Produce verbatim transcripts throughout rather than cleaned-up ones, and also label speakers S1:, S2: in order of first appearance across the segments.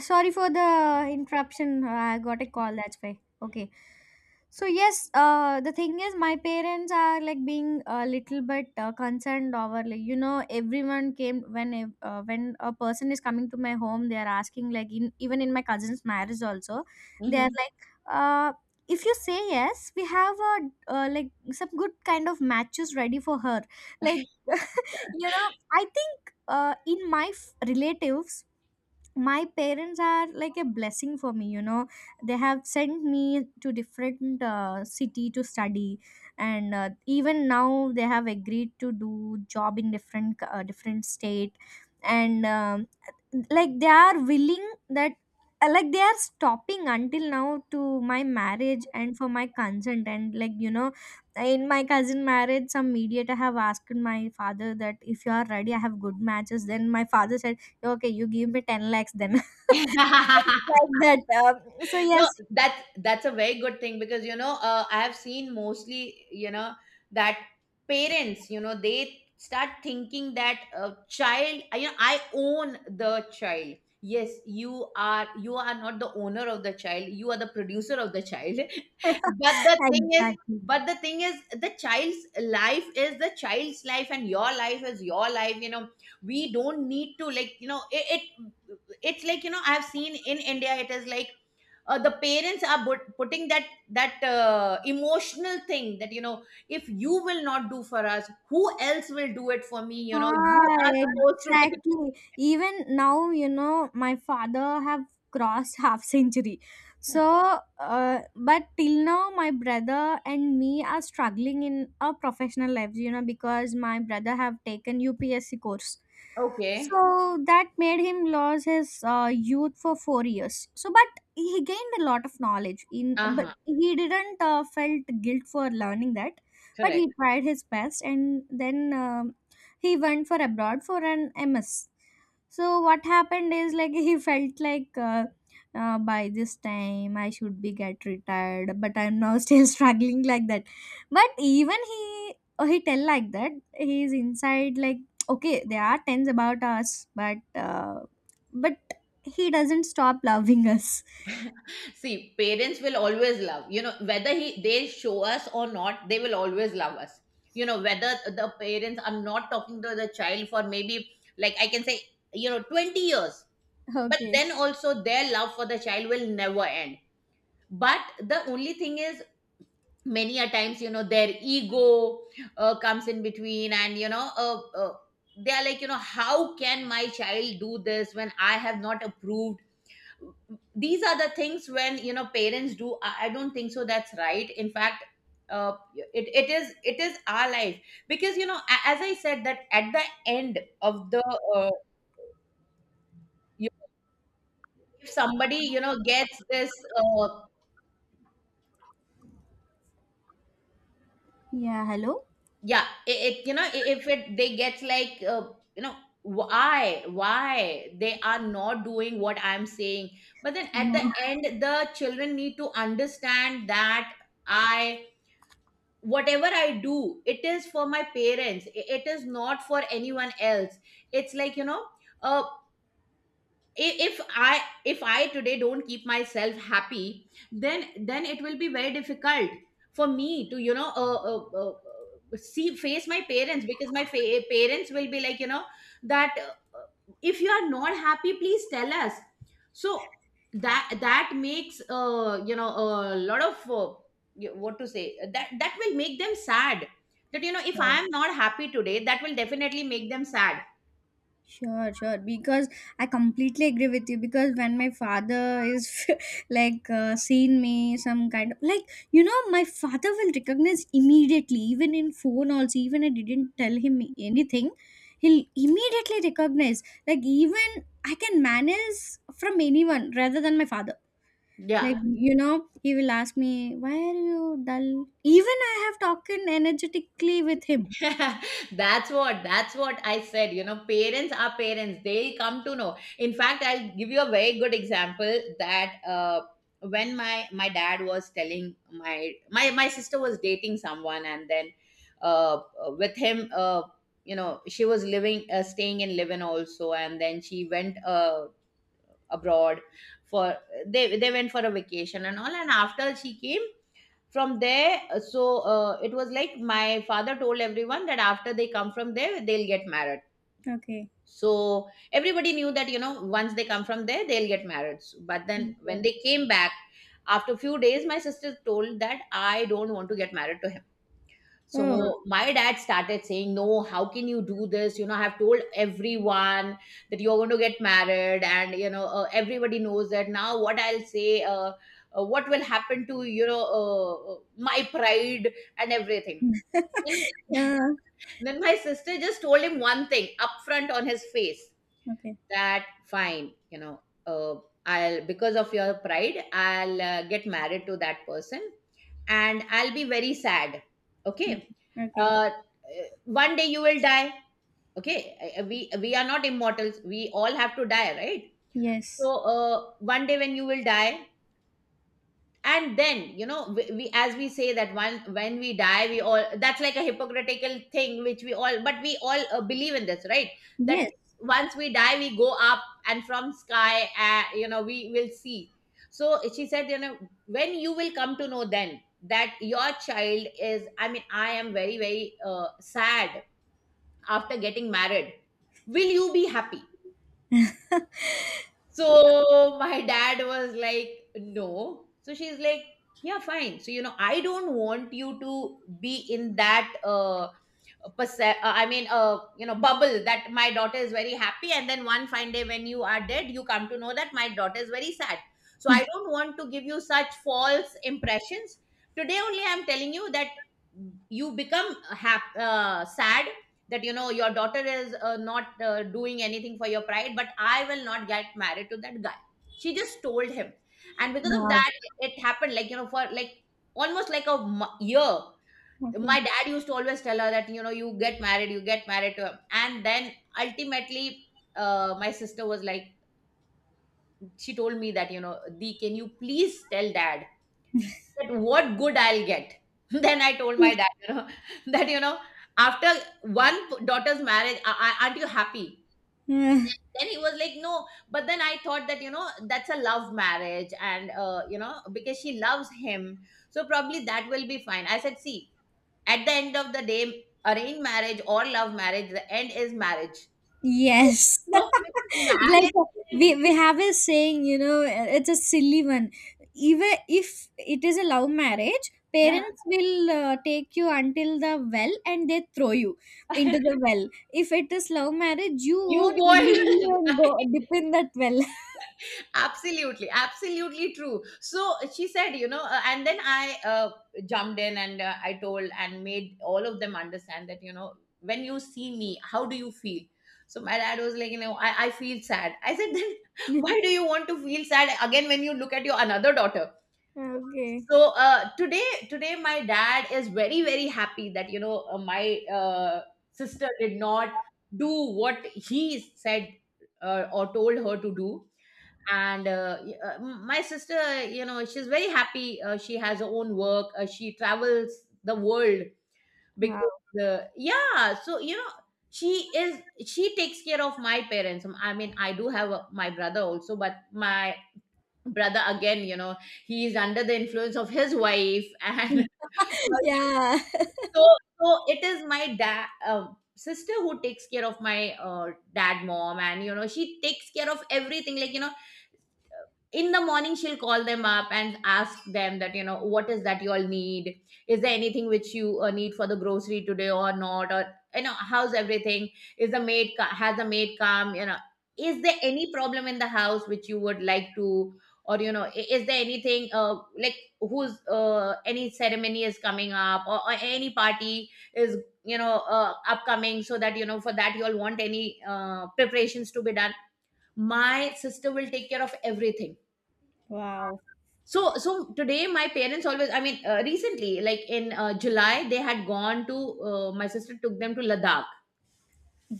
S1: Sorry for the interruption. Uh, I got a call. That's why. Okay. So yes, uh, the thing is, my parents are like being a little bit uh, concerned over, like, you know, everyone came when ev- uh, when a person is coming to my home, they are asking like in, even in my cousin's marriage also, they are
S2: Hmm.
S1: like, uh, if you say yes, we have a uh, like some good kind of matches ready for her. Like, you know, I think uh, in my f- relatives my parents are like a blessing for me, you know. They have sent me to different uh, city to study, and uh, even now they have agreed to do job in different uh, different state, and um, like they are willing that uh, like they are stopping until now to my marriage and for my consent and, like, you know, in my cousin marriage some mediator have asked my father that if you are ready I have good matches, then my father said, "Okay, you give me ten lakhs then." Like that. Um, so,
S2: No,
S1: yes,
S2: that's that's a very good thing, because you know, uh, I have seen mostly, you know, that parents, you know, they start thinking that a child, you know, I own the child. Yes, you are you are not the owner of the child, you are the producer of the child. But the thing is,
S1: exactly.
S2: but the thing is the child's life is the child's life and your life is your life, you know. We don't need to, like you know, it, it it's like, you know, I have seen in India it is like, uh, the parents are but- putting that that uh, emotional thing that, you know, if you will not do for us, who else will do it for me? You know, you
S1: Ah,
S2: are supposed to take.
S1: exactly. Even now, you know, my father have crossed half century. So, uh, but till now, my brother and me are struggling in our professional lives, you know, because my brother have taken U P S C course.
S2: Okay.
S1: So that made him lose his uh, youth for four years. So, but he gained a lot of knowledge in, but
S2: Uh-huh.
S1: he didn't uh, felt guilt for learning that. But
S2: Correct.
S1: he tried his best, and then um he went for abroad for an ms. So what happened is like he felt like uh, uh, by this time I should be get retired, but I'm now still struggling like that. But even he he tell like that he's inside like, okay, there are tens about us, but uh, but he doesn't stop loving us.
S2: See, parents will always love, you know, whether he they show us or not, they will always love us, you know. Whether the parents are not talking to the child for maybe, like I can say, you know, twenty years, but
S1: Okay.
S2: then also their love for the child will never end. But the only thing is, many a times you know, their ego, uh, comes in between, and you know, uh, uh, they are like, you know, how can my child do this when I have not approved? These are the things when, you know, parents do, i, I don't think so that's right. In fact, uh, it, it is it is our life. Because, you know, a- as I said, that at the end of the uh, you, if somebody, you know, gets this, uh,
S1: Yeah, hello.
S2: yeah, it, it you know, I- if it they get like, uh, you know, why why they are not doing what I'm saying. But then at the end, the children need to understand that, I whatever I do, it is for my parents. I- it is not for anyone else. It's like, you know, uh, I- if I if I today don't keep myself happy, then then it will be very difficult for me to, you know, uh, uh, uh, uh, see face my parents. Because my fa- parents will be like, you know, that uh, uh, if you are not happy, please tell us. So that, that makes, uh, you know, a lot of, uh, you- what to say, that, that will make them sad. That, you know, if I
S1: Yeah.
S2: am not happy today, that will definitely make them sad.
S1: Sure, sure. Because I completely agree with you. Because when my father is like uh, seeing me, some kind of, like, you know, my father will recognize immediately, even in phone also. Even I didn't tell him anything, he'll immediately recognize. Like, even I can manage from anyone rather than my father.
S2: Yeah.
S1: Like you know, he will ask me, "Why are you dull?" Even I have talked energetically with him.
S2: that's what that's what I said. You know, parents are parents, they come to know. In fact, I'll give you a very good example, that uh, when my my dad was telling, my my my sister was dating someone. And then uh, with him, uh, you know, she was living uh, staying in Livin also. And then she went, uh, abroad for they they went for a vacation and all. And after she came from there, uh, so uh, it was like, my father told everyone that after they come from there, they'll get married.
S1: Okay.
S2: So everybody knew that, you know, once they come from there, they'll get married. So- but then when
S1: Okay.
S2: they came back after a few days, my sister told that I don't want to get married to him. So
S1: Oh.
S2: Hmm. my dad started saying, "No, how can you do this? You know, I've told everyone that you're going to get married, and you know, uh, everybody knows that now. What I'll say, uh, uh, what will happen to, you know, uh, uh, my pride and everything." Then,
S1: Yeah.
S2: then my sister just told him one thing upfront on his face,
S1: Okay.
S2: that fine, you know, uh, I'll because of your pride I'll uh, get married to that person, and I'll be very sad. Okay.
S1: Mm-hmm. Okay.
S2: uh, One day you will die. Okay. Uh, we we are not immortals, we all have to die, right? So
S1: Yes.
S2: uh, one day when you will die, and then, you know, we, we as we say, that one, when we die, we all, that's like a hypocritical thing which we all, but we all uh, believe in this, right? That
S1: Yes.
S2: once we die we go up, and from sky, uh, you know, we will see. So she said, you know, when you will come to know then, that your child is, I mean, I am very very uh, sad after getting married, will you be happy? So my dad was like, no. So she's like, yeah, fine. So, you know, I don't want you to be in that uh, perce- uh, I mean, uh, you know, bubble, that my daughter is very happy, and then one fine day when you are dead, you come to know that my daughter is very sad. So I don't want to give you such false impressions. Today only I'm telling you that you become hap- uh, sad, that, you know, your daughter is uh, not uh, doing anything for your pride, but I will not get married to that guy. She just told him, and because of
S1: Wow.
S2: that, it happened like, you know, for like almost like a mo- year.
S1: Okay.
S2: My dad used to always tell her that, you know, you get married you get married to her. And then ultimately, uh, my sister was like, she told me that, you know, "Di, can you please tell dad that what good I'll get?" Then I told my dad, you know, that, you know, after one p- daughter's marriage, a- a- aren't you happy?
S1: Uh,
S2: Then he was like, no. But then I thought that, you know, that's a love marriage, and uh, you know, because she loves him, so probably that will be fine. I said, see, at the end of the day, arranged marriage or love marriage, the end is marriage.
S1: yes.
S2: So, so
S1: Like
S2: marriage
S1: uh,
S2: is-
S1: we we have a saying, you know, uh, it's a silly one. Even if it is a love marriage, parents will uh, take you until the well and they throw you into the well. If it is love marriage, you
S2: you
S1: own
S2: go
S1: willingly and
S2: and-
S1: go dip in that well.
S2: absolutely, absolutely true. So she said, you know, uh, and then I, uh, jumped in and uh, I told and made all of them understand that, you know, when you see me, how do you feel? So my dad was like, you know, i, I feel sad. I said, then, why do you want to feel sad again when you look at your another daughter?
S1: Okay.
S2: So uh, today today my dad is very very happy that, you know, uh, my uh, sister did not do what he said, uh, or told her to do. And uh, y- uh, m- my sister, you know, she's very happy, uh, she has her own work, uh, she travels the world.
S1: Wow.
S2: Because uh, yeah, so you know, she is she takes care of my parents. I mean, I do have a, my brother also, but my brother, again, you know, he is under the influence of his wife and
S1: Yeah.
S2: so so it is my dad um sister who takes care of my uh, dad, mom. And, you know, she takes care of everything, like, you know, in the morning she'll call them up and ask them that, you know, what is that you all need? Is there anything which you uh, need for the grocery today or not? Or, you know, how's everything? Is the maid co- Has the maid come? You know, is there any problem in the house which you would like to? Or, you know, i- is there anything, uh, like, who's uh, any ceremony is coming up, or, or any party is, you know, uh, upcoming, so that, you know, for that you all want any uh, preparations to be done. My sister will take care of everything.
S1: Wow.
S2: So, so today my parents always, I mean, uh, recently, like in uh, July, they had gone to, uh, my sister took them to Ladakh.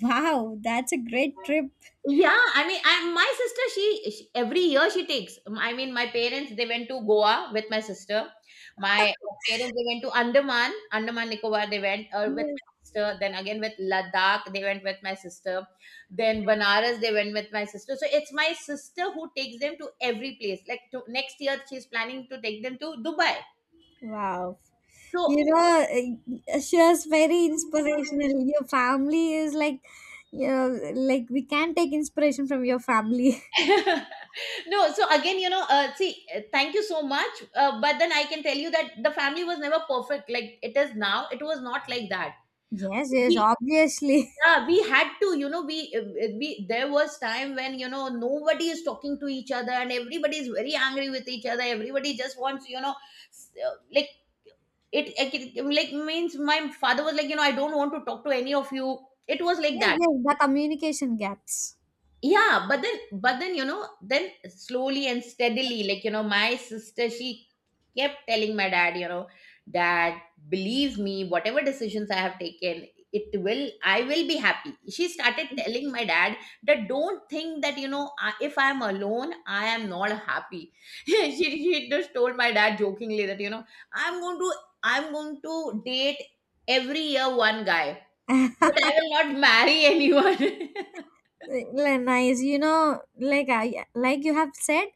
S1: Wow, that's a great trip.
S2: Yeah, I mean, I, my sister, she, she every year she takes. I mean, my parents they went to Goa with my sister. My parents they went to Andaman, Andaman Nicobar. They went uh, with
S1: Yes.
S2: my sister. Then again with Ladakh, they went with my sister. Then Banaras, they went with my sister. So it's my sister who takes them to every place. Like to, next year, she's planning to take them to Dubai.
S1: Wow.
S2: So
S1: You know, uh, she was very inspirational. Your family is like, you know, like we can take inspiration from your family.
S2: no so again you know uh, see uh, thank you so much, uh, but then I can tell you that the family was never perfect like it is now. It was not like that.
S1: Yes, yes,
S2: We
S1: obviously.
S2: Yeah, we had to, you know, we uh, uh, we, there was time when, you know, nobody is talking to each other, and everybody is very angry with each other. Everybody just wants, you know, s- uh, like it, like, it like means my father was like, you know, I don't want to talk to any of you. It was like
S1: Yes,
S2: that.
S1: yes, the communication gaps.
S2: Yeah, but then, but then, you know, then slowly and steadily, like, you know, my sister, she kept telling my dad, you know, dad, believe me, whatever decisions I have taken, it will, I will be happy. She started telling my dad that don't think that, you know, I- if I'm alone, I am not happy. she, she just told my dad jokingly that, you know, I'm going to, I'm going to date every year one guy, but I will not marry anyone.
S1: Like, nice. You know, like I like you have said,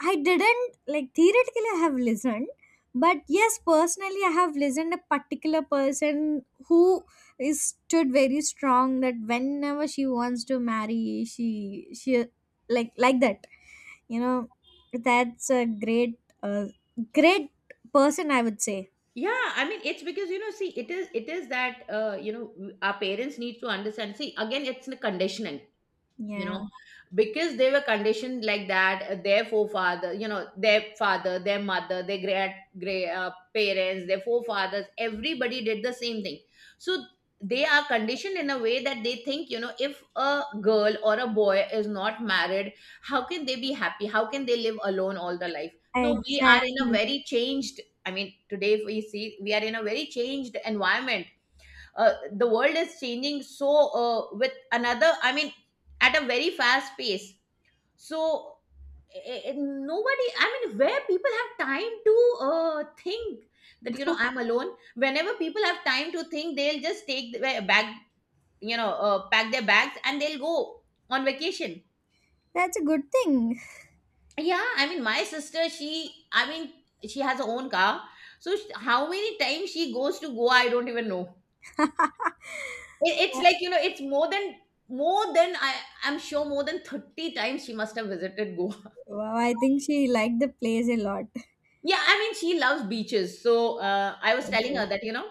S1: I didn't like theoretically I have listened, but yes, personally I have listened a particular person who is stood very strong that whenever she wants to marry, she she like like that. You know, that's a great uh, great person I would say.
S2: Yeah, I mean, it's because, you know, see, it is it is that, uh, you know, our parents need to understand. See, again, it's the conditioning, you know,
S1: Yeah,
S2: because they were conditioned like that. Uh, their forefather, you know, their father, their mother, their great great uh, parents, their forefathers, everybody did the same thing. So they are conditioned in a way that they think, you know, if a girl or a boy is not married, how can they be happy? How can they live alone all the life? No, we are in a
S1: exactly.
S2: very changed, I mean, today if we see, we are in a very changed environment. Uh, the world is changing, so, uh, with another I mean at a very fast pace. So eh, eh, nobody, I mean, where people have time to uh, think that, you know, I'm alone. Whenever people have time to think, they'll just take the ba- bag, you know, uh, pack their bags and they'll go on vacation.
S1: That's a good thing.
S2: Yeah, I mean my sister, she, I mean, she has her own car. So sh- how many times she goes to Goa, I don't even know. It, it's like, you know, it's more than more than I, I'm sure, more than thirty times she must have visited Goa.
S1: Wow, I think she liked the place a lot.
S2: Yeah, I mean she loves beaches, so uh, I was telling her that, you know,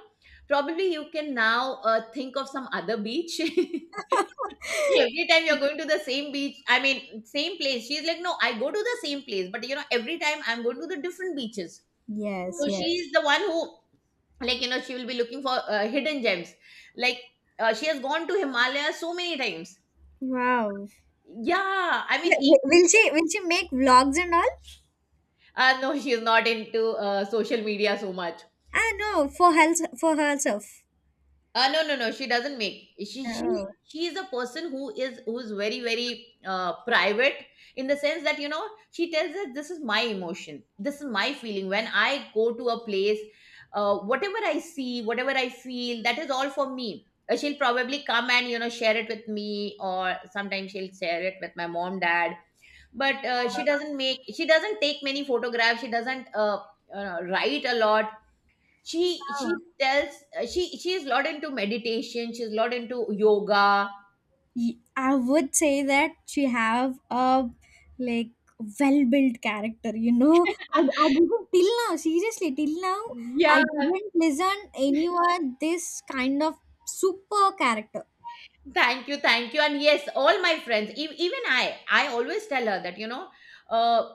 S2: probably you can now uh, think of some other beach. Every time you're going to the same beach, I mean same place. She's like, no, I go to the same place, but you know every time I'm going to the different beaches.
S1: Yes,
S2: So
S1: yes.
S2: she's the one who, like, you know, she will be looking for uh, hidden gems. Like, uh, she has gone to Himalaya so many times.
S1: Wow.
S2: Yeah, I mean.
S1: Wi- wi- Will she will she make vlogs and all?
S2: Uh, no, she's not into uh, social media so much.
S1: Ah, no, for her, for herself.
S2: Uh, no, no, no. She doesn't make. She she
S1: Oh.
S2: she is a person who is who is very very uh, private, in the sense that, you know, she tells us this is my emotion, this is my feeling when I go to a place. Uh, whatever I see, whatever I feel, that is all for me. Uh, she'll probably come and, you know, share it with me, or sometimes she'll share it with my mom, dad. But uh, she doesn't make. She doesn't take many photographs. She doesn't uh, uh, write a lot. She she
S1: Wow.
S2: tells, uh, she she's lot into meditation, she's lot into yoga.
S1: Y- I would say that she have a like well-built character, you know. I, I didn't till now, seriously, till now I
S2: Yeah.
S1: didn't listen anyone this kind of super character.
S2: Thank you, thank you. And yes, all my friends, e- even i i always tell her that, you know, uh,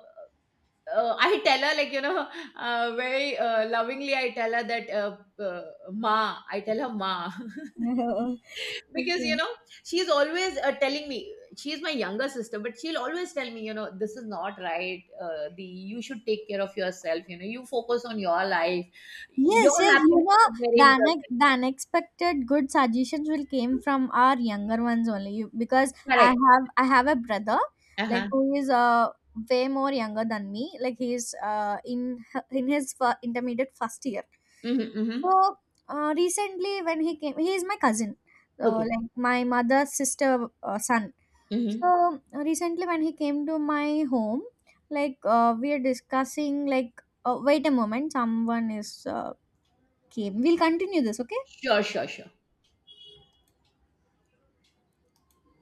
S2: uh, I tell her, like, you know, uh, very uh, lovingly, I tell her that, uh, uh, ma, I tell her ma. Because, you
S1: Okay.
S2: know, she's always uh, telling me, she's my younger sister, but she'll always tell me, you know, this is not right. uh, the You should take care of yourself, you know, you focus on your life,
S1: Yes,
S2: your
S1: yes, you
S2: happiness
S1: know,
S2: is very
S1: the
S2: important.
S1: une- the unexpected good suggestions will came from our younger ones only. You, because I
S2: Correct.
S1: have I have a brother like
S2: Uh-huh.
S1: who is uh way more younger than me. Like he is uh in h- in his fir- intermediate first year.
S2: Mm-hmm, mm-hmm.
S1: So uh, recently when he came, he is my cousin. So
S2: Okay.
S1: like my mother's sister uh, son.
S2: Mm-hmm.
S1: So recently when he came to my home, like uh, we are discussing like uh, wait a moment, someone is uh, okay, we'll continue this, okay?
S2: Sure, sure, sure.